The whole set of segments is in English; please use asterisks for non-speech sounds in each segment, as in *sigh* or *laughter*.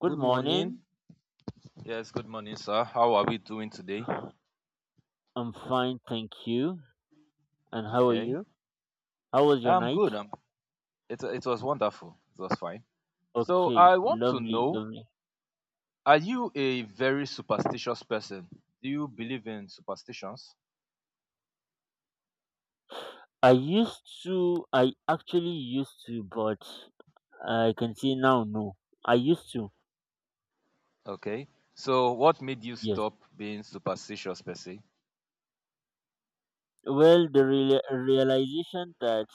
Good Good morning. morning. Yes, good morning, sir. How are we doing today? I'm fine, thank you. And how are Okay. you? How was your I'm night? good. It was wonderful. It was fine. So, Okay, I want to lovely, know, lovely. are you a very superstitious person? Do you believe in superstitions? I used I actually used to, but I can see now, no. I used to, Okay. So, what made you yes. stop being superstitious, per se? Well, the realization that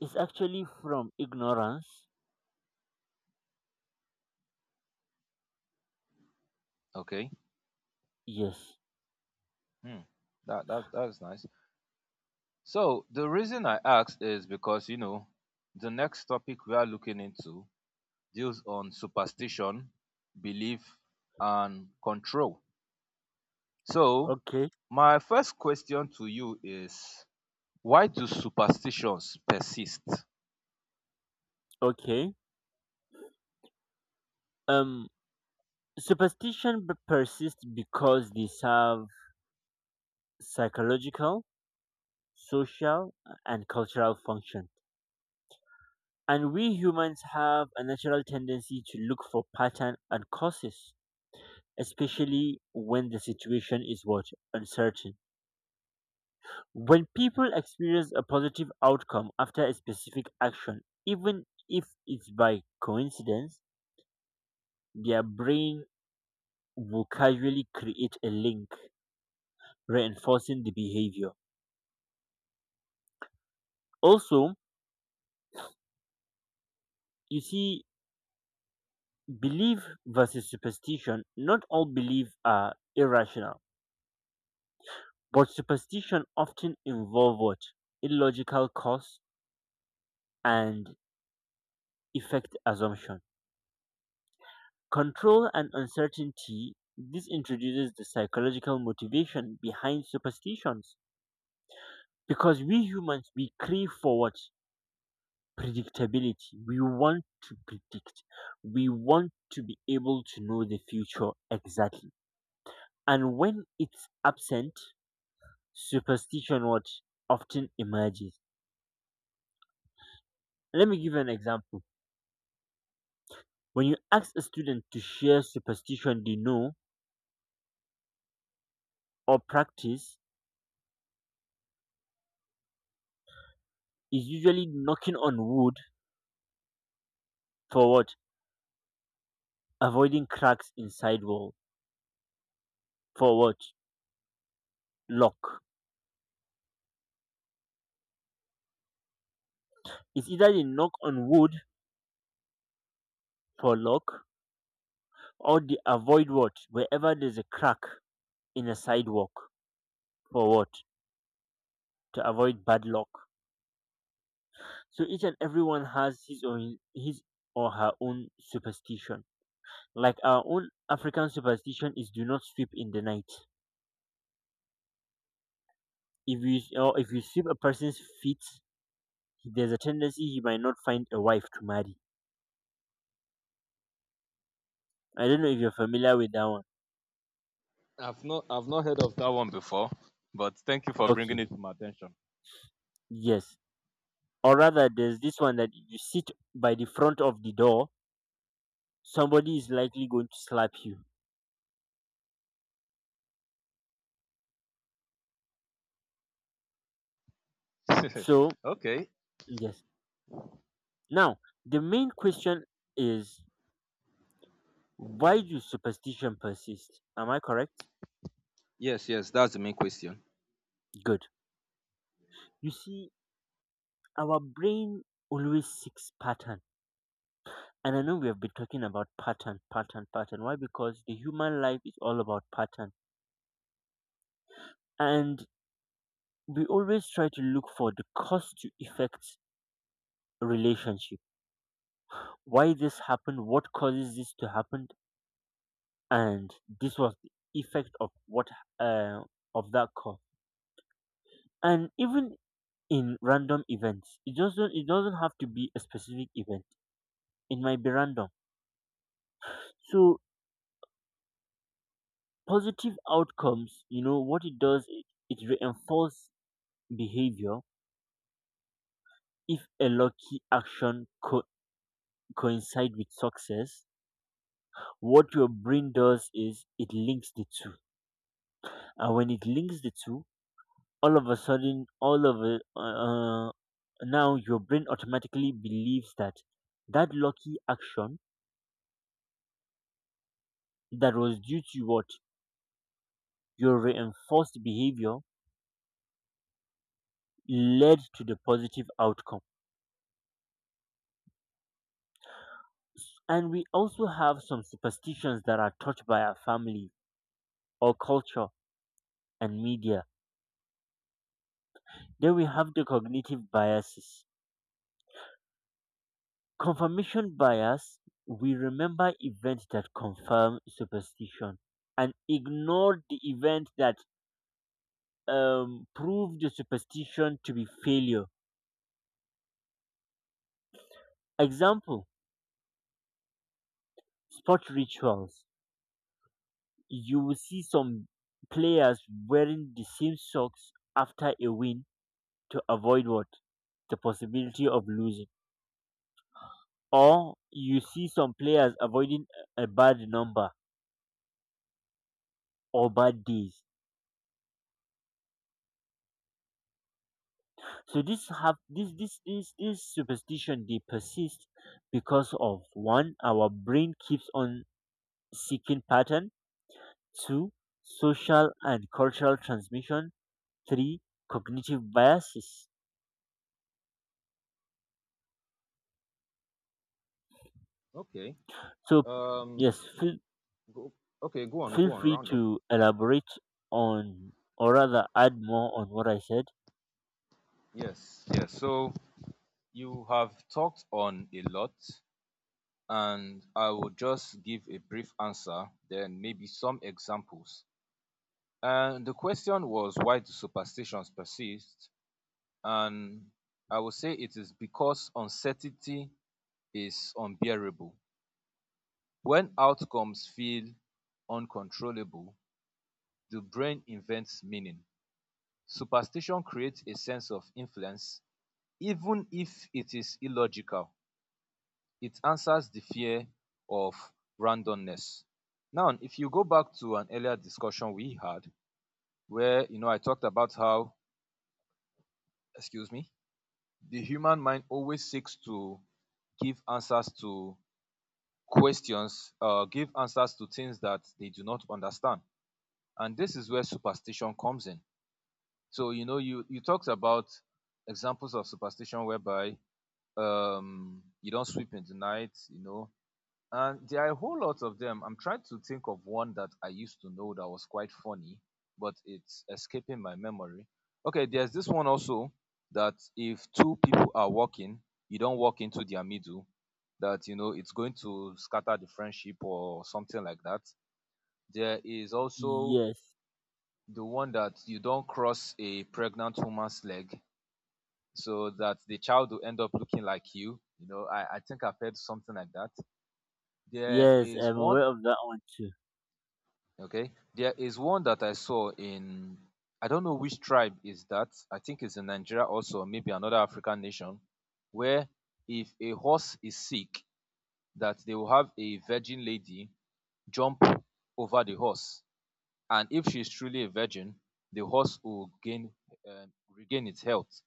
it's actually from ignorance, Okay. yes. Hmm. That is nice. So, the reason I asked is because, you know, the next topic we are looking into deals on superstition, belief, and control. So, Okay, my first question to you is, why do superstitions persist? okay. Um, Superstition persists because they serve psychological, social, and cultural function. And we humans have a natural tendency to look for pattern and causes, especially when the situation is what uncertain. When people experience a positive outcome after a specific action, even if it's by coincidence, their brain will casually create a link reinforcing the behavior. Also, you see, belief versus superstition, not all belief are irrational. But superstition often involve what? Illogical cause and effect assumption. Control and uncertainty, this introduces the psychological motivation behind superstitions. Because we humans, we crave for what? Predictability. We want to predict. We want to be able to know the future exactly. And when it's absent, superstition what often emerges. Let me give you an example. When you ask a student to share superstition they know or practice, is usually knocking on wood for what? Avoiding cracks in wall for what? Lock. It's either they knock on wood for lock or they avoid what? Wherever there's a crack in a sidewalk for what? To avoid bad luck. So each and everyone has his or her own superstition. Like our own African superstition is do not sweep in the night. If you or if you sweep a person's feet, there's a tendency he might not find a wife to marry. I don't know if you're familiar with that one. I've not heard of that one before, but thank you for bringing Okay, it to my attention. yes. Or rather, there's this one that if you sit by the front of the door, somebody is likely going to slap you. *laughs* So, Okay. yes. Now, the main question is why do superstition persist? Am I correct? Yes, yes, that's the main question. Good. You see, our brain always seeks pattern. And I know we have been talking about pattern, pattern, pattern. Why? Because the human life is all about pattern. And we always try to look for the cause to effect relationship. Why this happened, what causes this to happen, and this was the effect of what uh, of that cause. And even in random events, it doesn't have to be a specific event. It might be random. So positive outcomes, what it does, it reinforces behavior. If a lucky action coincide with success, what your brain does is it links the two, and when it links the two, all of a sudden all of it now your brain automatically believes that that lucky action, that was due to what, your reinforced behavior led to the positive outcome. And we also have some superstitions that are taught by our family or culture and media. Then we have the cognitive biases. Confirmation bias. We remember events that confirm superstition and ignore the event that prove the superstition to be failure. Example, sport rituals. You will see some players wearing the same socks after a win to avoid what? The possibility of losing. Or you see some players avoiding a bad number or bad days. So this have this superstition they persist because of one, our brain keeps on seeking pattern, two, social and cultural transmission, three, cognitive biases. Okay. So Um yes, feel go, okay, go on, feel go on, free round up. to elaborate on, or rather add more on what I said. Yes, yes. So, you have talked on a lot, and I will just give a brief answer, then maybe some examples. And the question was, why do superstitions persist? And I will say it is because uncertainty is unbearable. When outcomes feel uncontrollable, the brain invents meaning. Superstition creates a sense of influence, even if it is illogical. It answers the fear of randomness. Now, if you go back to an earlier discussion we had, where you know I talked about how, excuse me, the human mind always seeks to give answers to questions, give answers to things that they do not understand, and this is where superstition comes in. So you know, you talked about examples of superstition, whereby you don't sweep in the night, you know. And there are a whole lot of them. I'm trying to think of one that I used to know that was quite funny, but it's escaping my memory. Okay, there's this one also, that if two people are walking, you don't walk into their middle, that you know it's going to scatter the friendship or something like that. There is also Yes. the one that you don't cross a pregnant woman's leg so that the child will end up looking like you. You know, I think I've heard something like that. There Yes, is I'm aware one. of that one too. Okay. There is one that I saw in, I don't know which tribe is that. I think it's in Nigeria also, or maybe another African nation, where if a horse is sick, that they will have a virgin lady jump over the horse, and if she's truly a virgin, the horse will gain, regain its health.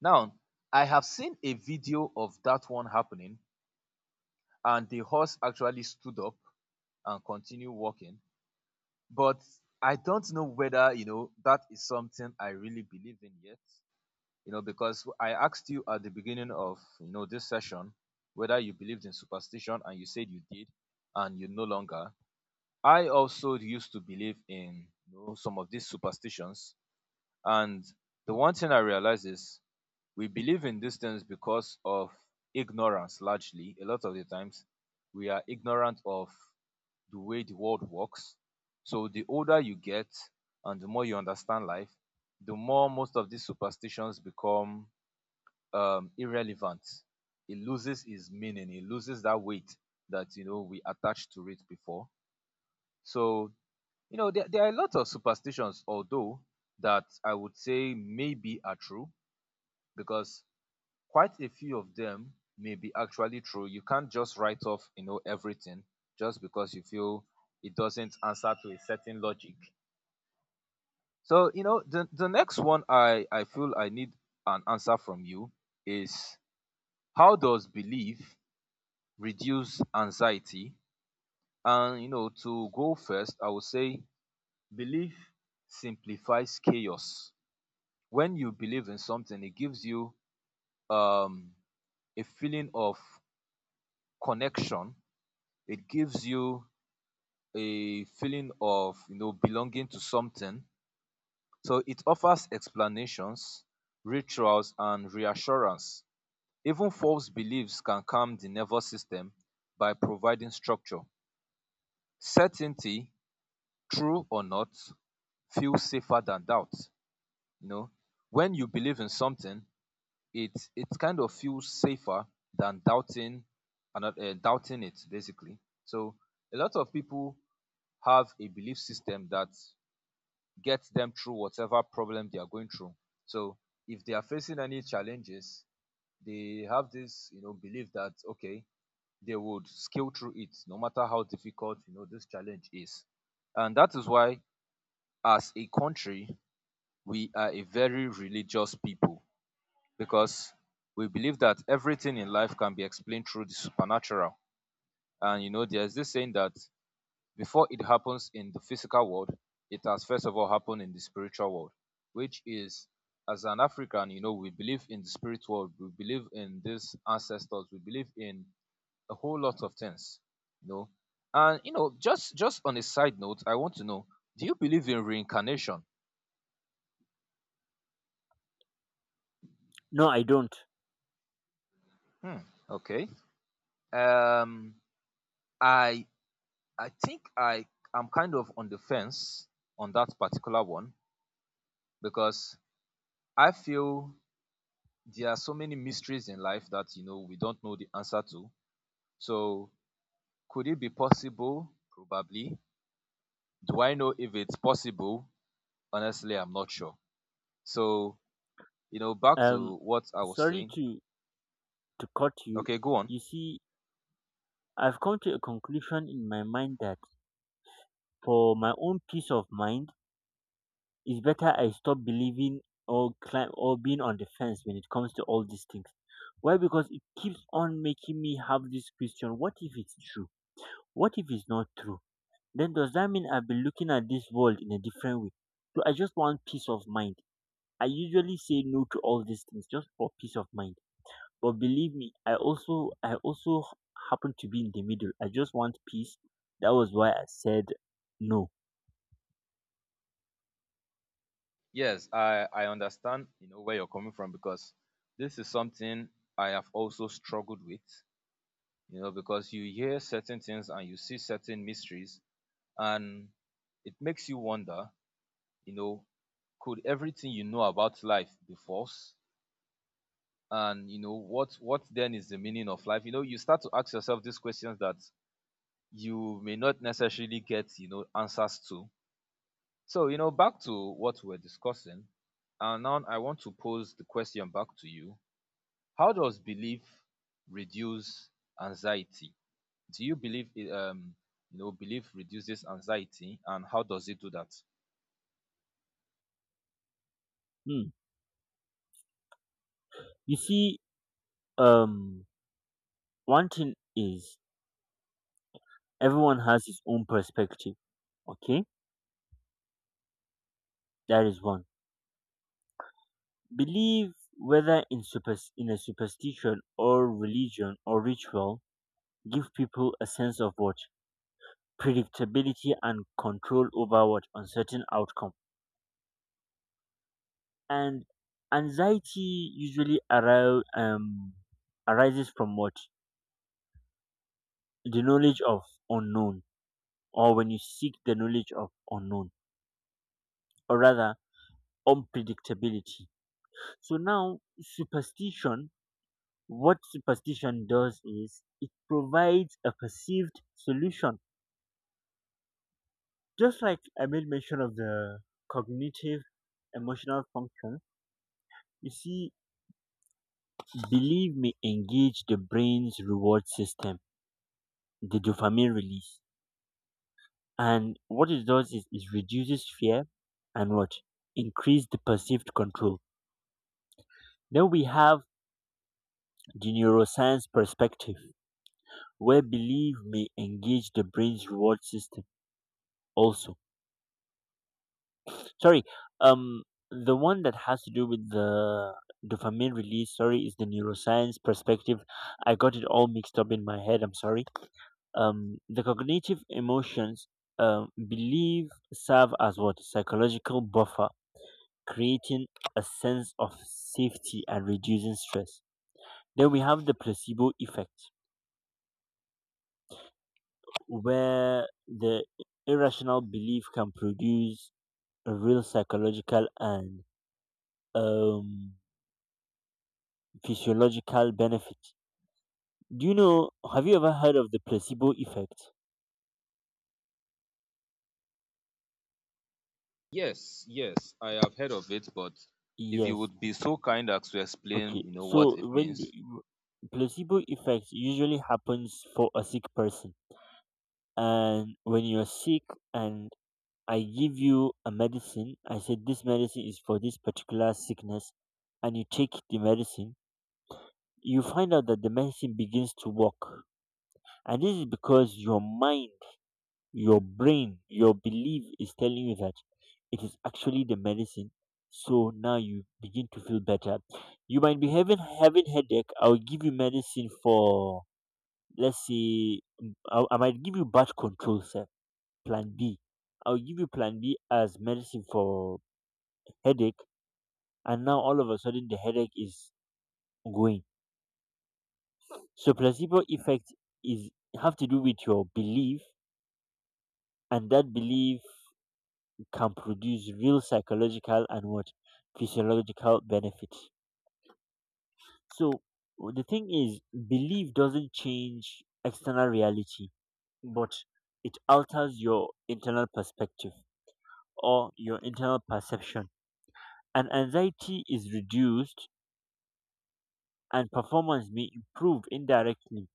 Now, I have seen a video of that one happening, and the horse actually stood up and continued walking, but I don't know whether, you know, that is something I really believe in yet. You know, because I asked you at the beginning of, you know, this session whether you believed in superstition, and you said you did, and you no longer. I also used to believe in, you know, some of these superstitions, and the one thing I realize is we believe in these things because of ignorance. Largely, a lot of the times we are ignorant of the way the world works. So the older you get and the more you understand life, the more most of these superstitions become, irrelevant. It loses its meaning. It loses that weight that, you know, we attached to it before. So, you know, there are a lot of superstitions, although, that I would say maybe are true, because quite a few of them may be actually true. You can't just write off, you know, everything just because you feel it doesn't answer to a certain logic. So, you know, the next one, I feel I need an answer from you is, how does belief reduce anxiety? And, you know, to go first, I would say belief simplifies chaos. When you believe in something, it gives you, um a feeling of connection. It gives you a feeling of, you know, belonging to something. So it offers explanations, rituals, and reassurance. Even false beliefs can calm the nervous system by providing structure. Certainty, true or not, feels safer than doubt. You know, when you believe in something, it kind of feels safer than doubting, doubting it basically. So a lot of people have a belief system that gets them through whatever problem they are going through. So if they are facing any challenges, they have this, you know, belief that okay, they would scale through it no matter how difficult, you know, this challenge is. And that is why, as a country, we are a very religious people, because we believe that everything in life can be explained through the supernatural. And you know, there's this saying that before it happens in the physical world, it has first of all happened in the spiritual world, which is, as an African, you know, we believe in the spirit world, we believe in these ancestors, we believe in a whole lot of things, you know. And you know, just on a side note, I want to know, do you believe in reincarnation? No, I don't. Hmm. Okay. Um I I think I am kind of on the fence on that particular one, because I feel there are so many mysteries in life that you know we don't know the answer to. So, could it be possible? Probably. Do I know if it's possible? Honestly, I'm not sure. So, you know, back Um to what I was Sorry saying. to cut you. Okay, go on. You see, I've come to a conclusion in my mind that for my own peace of mind, it's better I stop believing or climb or being on the fence when it comes to all these things. Why? Because it keeps on making me have this question: what if it's true? What if it's not true? Then does that mean I've been looking at this world in a different way? So I just want peace of mind. I usually say no to all these things just for peace of mind. But believe me, I also happen to be in the middle. I just want peace. That was why I said no. Yes, I understand, you know, where you're coming from, because this is something I have also struggled with, you know, because you hear certain things and you see certain mysteries, and it makes you wonder, you know, could everything you know about life be false? And you know, what then is the meaning of life? You know, you start to ask yourself these questions that you may not necessarily get, you know, answers to. So, you know, back to what we are discussing, and now I want to pose the question back to you, how does belief reduce anxiety? Do you believe it, you know, belief reduces anxiety, and how does it do that? Hmm. You see, um, one thing is everyone has his own perspective. Okay, that is one. Believe whether in super in a superstition or religion or ritual give people a sense of what predictability and control over what uncertain outcome. And anxiety usually arises from what? The knowledge of unknown, or when you seek the knowledge of unknown, or rather unpredictability. So now, superstition, what superstition does is it provides a perceived solution. Just like I made mention of the cognitive emotional function, you see, belief may engage the brain's reward system, the dopamine release. And what it does is it reduces fear and what increase the perceived control. Then we have the neuroscience perspective, where belief may engage the brain's reward system also. Sorry, um, the one that has to do with the dopamine release, sorry, is the neuroscience perspective. I got it all mixed up in my head. I'm sorry. The cognitive emotions, believe serve as what psychological buffer, creating a sense of safety and reducing stress. Then we have the placebo effect, where the irrational belief can produce a real psychological and um, physiological benefit. Do you know, have you ever heard of the placebo effect? Yes, yes, I have heard of it, but if you Yes. would be so kind as to explain, Okay. you know, So what it means. Placebo effect usually happens for a sick person, and when you're sick and I give you a medicine. I said, this medicine is for this particular sickness. And you take the medicine, you find out that the medicine begins to work. And this is because your mind, your brain, your belief is telling you that it is actually the medicine. So now you begin to feel better. You might be having headache. I'll give you medicine for, let's say, I might give you birth control, sir. Plan B. I'll give you Plan B as medicine for headache, and now all of a sudden the headache is going. So placebo effect is have to do with your belief, and that belief can produce real psychological and what, physiological benefits. So the thing is, belief doesn't change external reality, but it alters your internal perspective or your internal perception, and anxiety is reduced and performance may improve indirectly,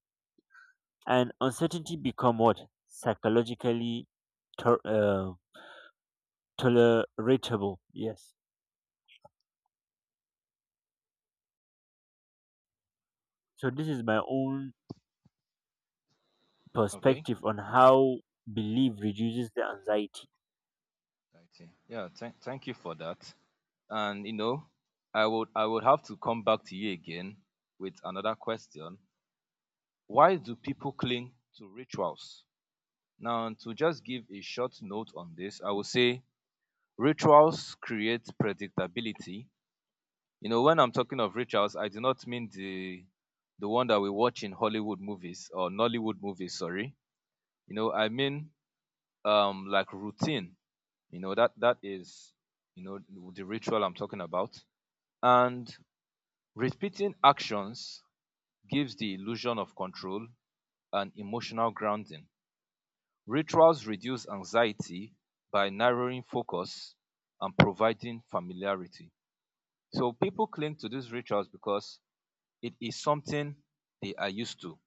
and uncertainty become what, psychologically to- uh, tolerable, yes. So this is my own Okay. perspective on how belief reduces the anxiety. I see. Yeah, thank you for that. And you know, I would have to come back to you again with another question. Why do people cling to rituals? Now, to just give a short note on this, I would say rituals create predictability. You know, when I'm talking of rituals, I do not mean the one that we watch in Hollywood movies or Nollywood movies, sorry. You know, I mean, like routine. You know, that is, you know, the ritual I'm talking about. And repeating actions gives the illusion of control and emotional grounding. Rituals reduce anxiety by narrowing focus and providing familiarity. So people cling to these rituals because it is something they are used to.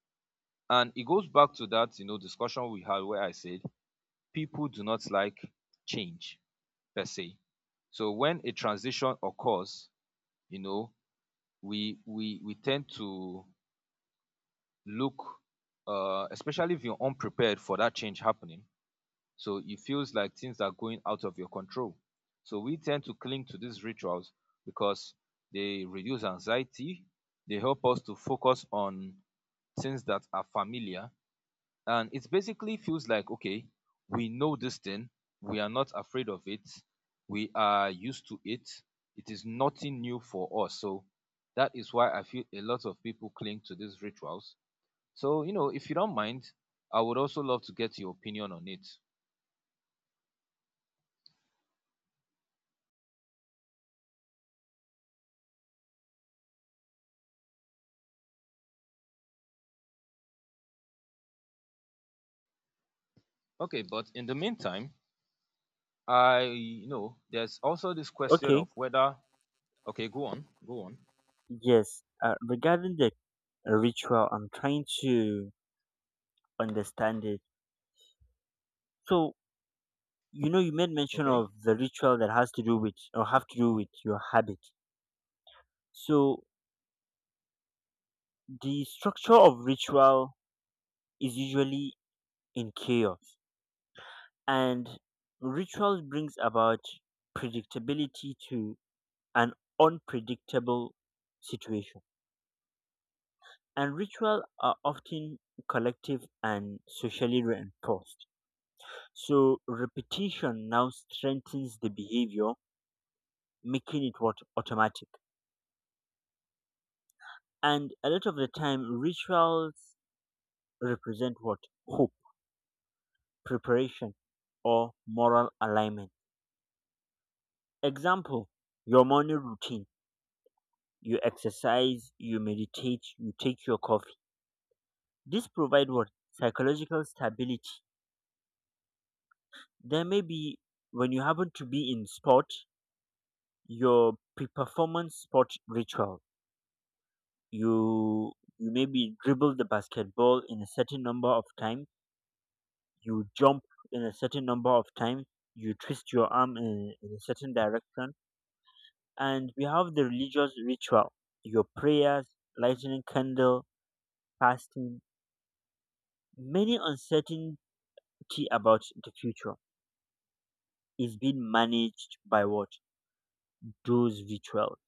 And it goes back to that, you know, discussion we had where I said people do not like change per se. So when a transition occurs, you know, we tend to look, especially if you're unprepared for that change happening. So it feels like things are going out of your control. So we tend to cling to these rituals because they reduce anxiety, they help us to focus on things that are familiar, and it basically feels like, okay, we know this thing, we are not afraid of it, we are used to it, it is nothing new for us. So that is why I feel a lot of people cling to these rituals. So, you know, if you don't mind, I would also love to get your opinion on it. Okay, but in the meantime, I you know, there's also this question Okay. of whether, okay, go on, go on, Yes, regarding the ritual, I'm trying to understand it. So you made mention okay. of the ritual that has to do with, or have to do with your habit. So the structure of ritual is usually in chaos, and rituals brings about predictability to an unpredictable situation, and ritual are often collective and socially reinforced, so repetition now strengthens the behavior, making it what, automatic. And a lot of the time rituals represent what, hope, preparation, or moral alignment. Example, your morning routine: you exercise, you meditate, you take your coffee. This provide what? Psychological stability. There may be when you happen to be in sport, your pre-performance sport ritual. You you maybe dribble the basketball in a certain number of times. You jump in a certain number of times. You twist your arm in a certain direction. And we have the religious ritual. Your prayers, lighting a candle, fasting, many uncertain key about the future is being managed by what, those rituals.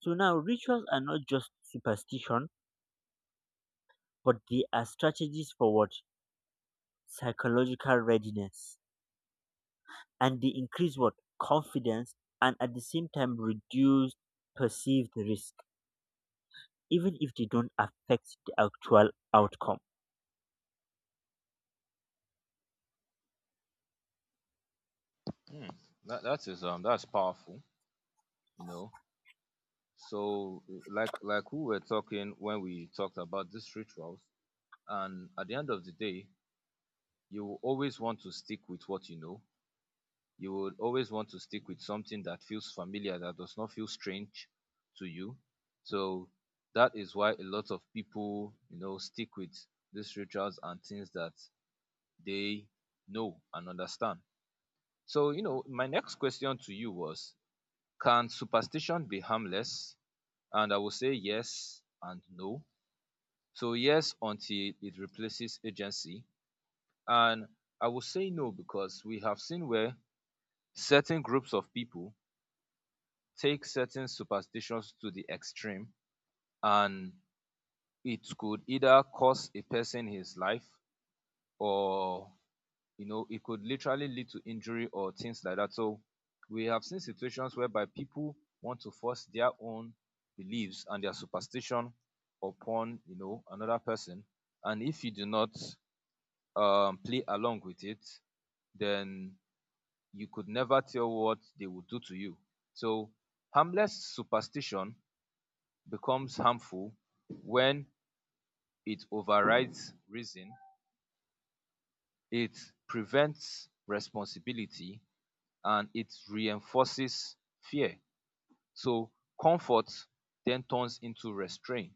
So now rituals are not just superstition, but they are strategies for what, psychological readiness, and they increase what, confidence, and at the same time reduce perceived risk, even if they don't affect the actual outcome. Hmm, that is, that's powerful, you know. So like we were talking, when we talked about these rituals, and at the end of the day, you will always want to stick with what you know. You would always want to stick with something that feels familiar, that does not feel strange to you. So that is why a lot of people, you know, stick with these rituals and things that they know and understand. So, you know, my next question to you was, can superstition be harmless? And I will say yes and no. So yes, until it replaces agency. And I will say no, because we have seen where certain groups of people take certain superstitions to the extreme, and it could either cost a person his life, or you know, it could literally lead to injury or things like that. So we have seen situations whereby people want to force their own beliefs and their superstition upon another person, and if you do not play along with it, then you could never tell what they would do to you. So, harmless superstition becomes harmful when it overrides reason, it prevents responsibility, and it reinforces fear. So, comfort then turns into restraint.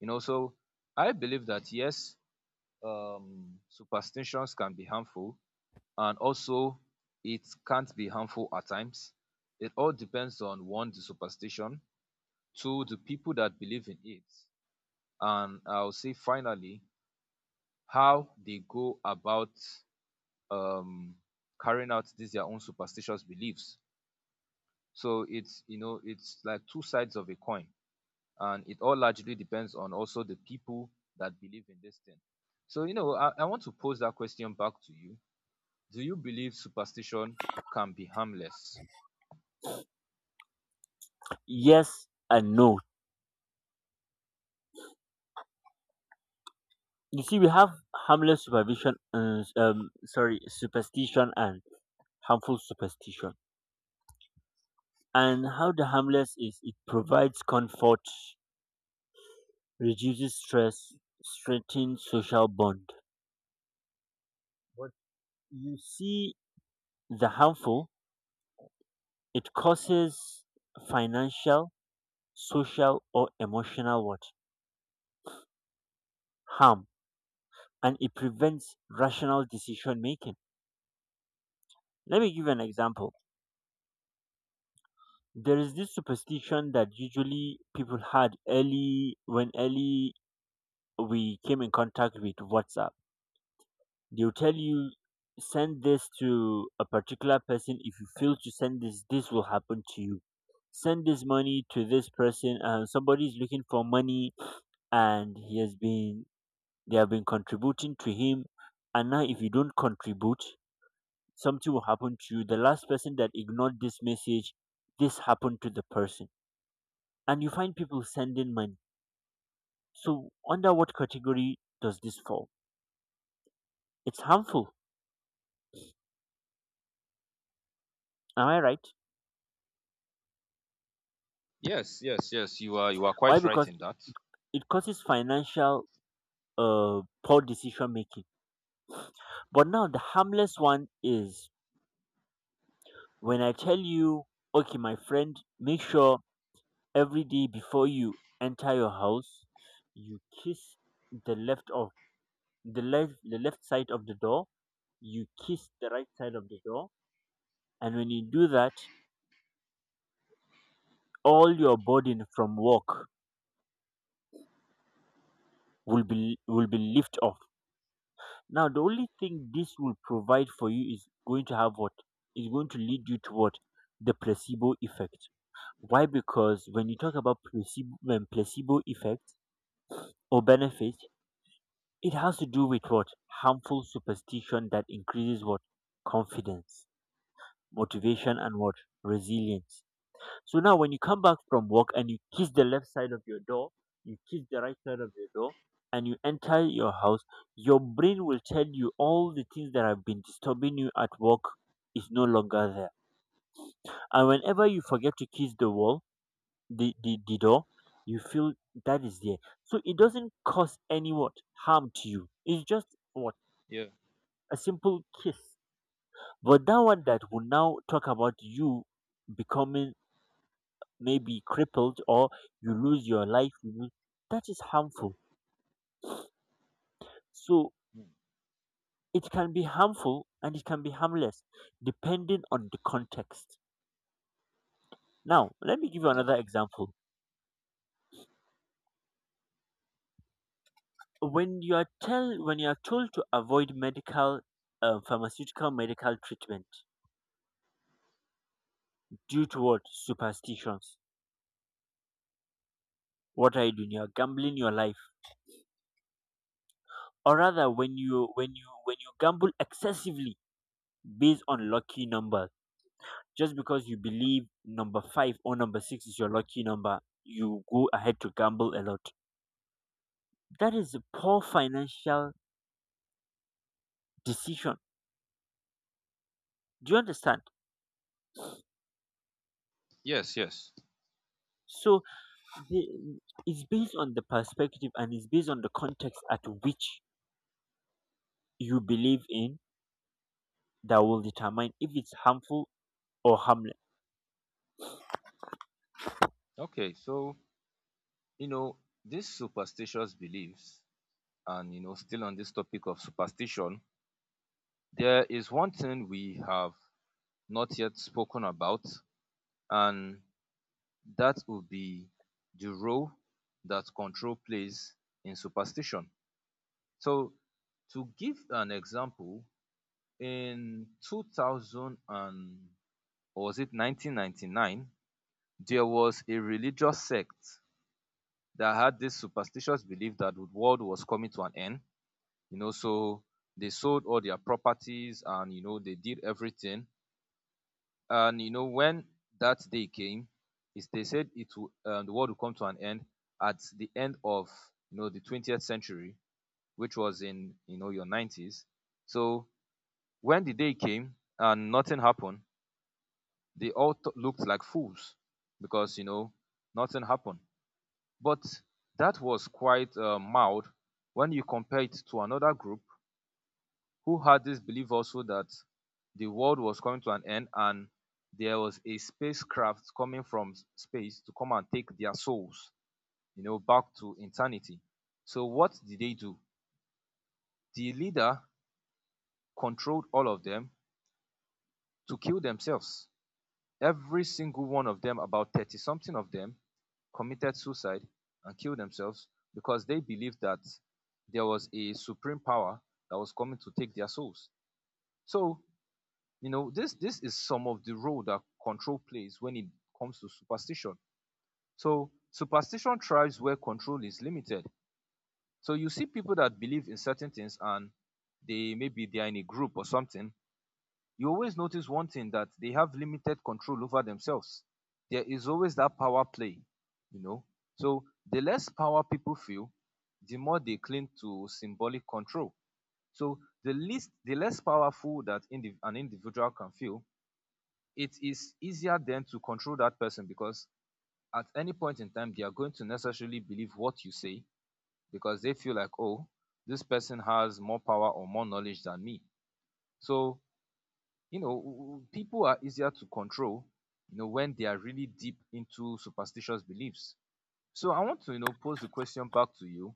So I believe that yes, superstitions can be harmful, and also it can't be harmful at times. It all depends on one, the superstition, two, the people that believe in it, and I'll say finally, how they go about um, carrying out these their own superstitious beliefs. So it's you know it's like two sides of a coin, and it all largely depends on also the people that believe in this thing. So I want to pose that question back to you. Do you believe superstition can be harmless? Yes and no. You see, we have harmless supervision sorry superstition and harmful superstition. And how the harmless is, it provides comfort, reduces stress, strengthens social bond. But you see, the harmful, it causes financial, social or emotional what? Harm. And it prevents rational decision making. Let me give you an example. There is this superstition that usually people had early when early we came in contact with WhatsApp. They'll tell you send this to a particular person, if you fail to send this, this will happen to you. Send this money to this person, and somebody is looking for money, and he has been they have been contributing to him, and now if you don't contribute, something will happen to you, the last person that ignored this message, this happened to the person, and you find people sending money. So under what category does this fall? It's harmful. Am I right? Yes, yes, yes. You are Why? quite right Because in that. it causes financial, poor decision making. But now the harmless one is, when I tell you, okay, my friend, make sure every day before you enter your house, you kiss the left of the left side of the door, you kiss the right side of the door, and when you do that, all your burden from work will be lift off. Now the only thing this will provide for you is going to have what, is going to lead you toward the placebo effect. Why? Because when you talk about placebo, when placebo effect or benefit, it has to do with what, harmful superstition that increases what, confidence, motivation, and what, resilience. So now, when you come back from work and you kiss the left side of your door, you kiss the right side of your door, and you enter your house, your brain will tell you all the things that have been disturbing you at work is no longer there. And whenever you forget to kiss the wall, the door, you feel that is there. So it doesn't cause any what harm to you, it's just what, Yeah, a simple kiss. But that one that will now talk about you becoming maybe crippled, or you lose your life, that is harmful. So mm, it can be harmful and it can be harmless depending on the context. Now let me give you another that's true. example. When you are tell when you are told to avoid medical, pharmaceutical medical treatment due to what, superstitions, what are you doing? You're gambling your life. Or rather, when you gamble excessively based on lucky numbers, just because you believe number five or number six is your lucky number, you go ahead to gamble a lot, that is a poor financial decision. Do you understand? Yes, yes. So the- it's based on the perspective and it's based on the context at which you believe in, that will determine if it's harmful or harmless. Okay, so you know these superstitious beliefs, and still on this topic of superstition, there is one thing we have not yet spoken about, and that would be the role that control plays in superstition. So, to give an example, in 2000 and, or was it 1999? There was a religious sect that had this superstitious belief that the world was coming to an end. So they sold all their properties, and they did everything. And when that day came, is they said the world will come to an end at the end of the 20th century, which was in your 90s. So when the day came and nothing happened, they all looked like fools because nothing happened. But that was quite mild when you compare it to another group who had this belief also that the world was coming to an end, and there was a spacecraft coming from space to come and take their souls, back to eternity. So what did they do? The leader controlled all of them to kill themselves. Every single one of them, about 30 something of them, committed suicide and killed themselves because they believed that there was a supreme power that was coming to take their souls. So this is some of the role that control plays when it comes to superstition. So, superstition thrives where control is limited. So, you see people that believe in certain things, and they maybe they are in a group or something. You always notice one thing, that they have limited control over themselves. There is always that power play, you know. So the less power people feel, the more they cling to symbolic control. So the less powerful that an individual can feel, it is easier then to control that person, because at any point in time they are going to necessarily believe what you say, because they feel like, oh, this person has more power or more knowledge than me. So people are easier to control when they are really deep into superstitious beliefs. So I want to pose the question back to you.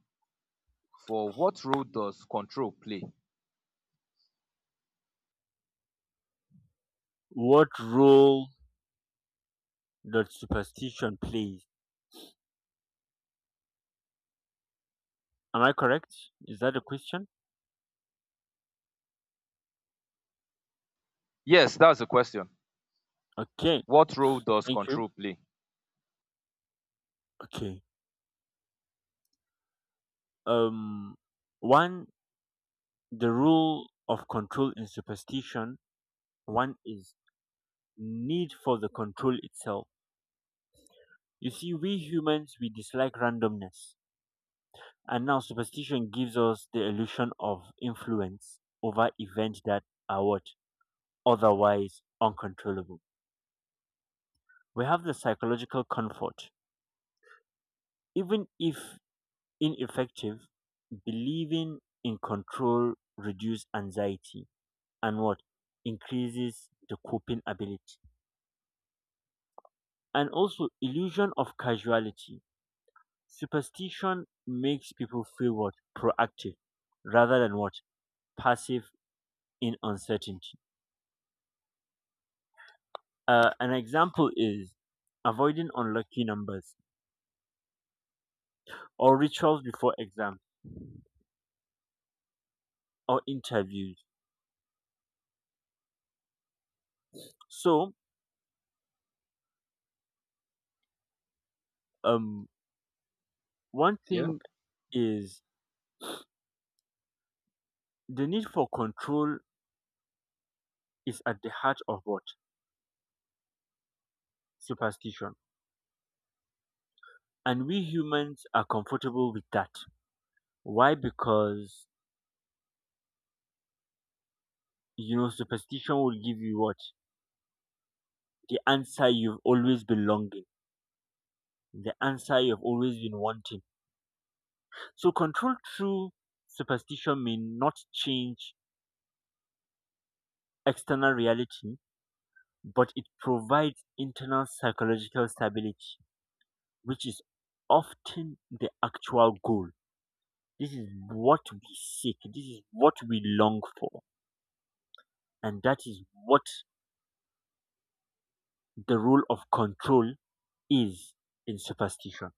For what role does control play? What role that superstition plays. Am I correct? Is that the question? Yes, that's the question. Okay, What role does thank you. control play? Okay. Um, one, the rule of control in superstition. One is need for the control itself. You see, we humans we dislike randomness, and now superstition gives us the illusion of influence over events that are what, otherwise uncontrollable. We have the psychological comfort, even if ineffective, believing in control reduces anxiety and what, increases the coping ability, and also illusion of casuality, superstition makes people feel what, proactive rather than what, passive, in uncertainty. An example is avoiding unlucky numbers or rituals before exams or interviews. So um one Yeah. thing is, the need for control is at the heart of what? Superstition. And we humans are comfortable with that. Why? Because, superstition will give you what? The answer you've always been longing, the answer you've always been wanting. So, control through superstition may not change external reality, but it provides internal psychological stability, which is often the actual goal. This is what we seek, this is what we long for. And that is what the rule of control is in superstition.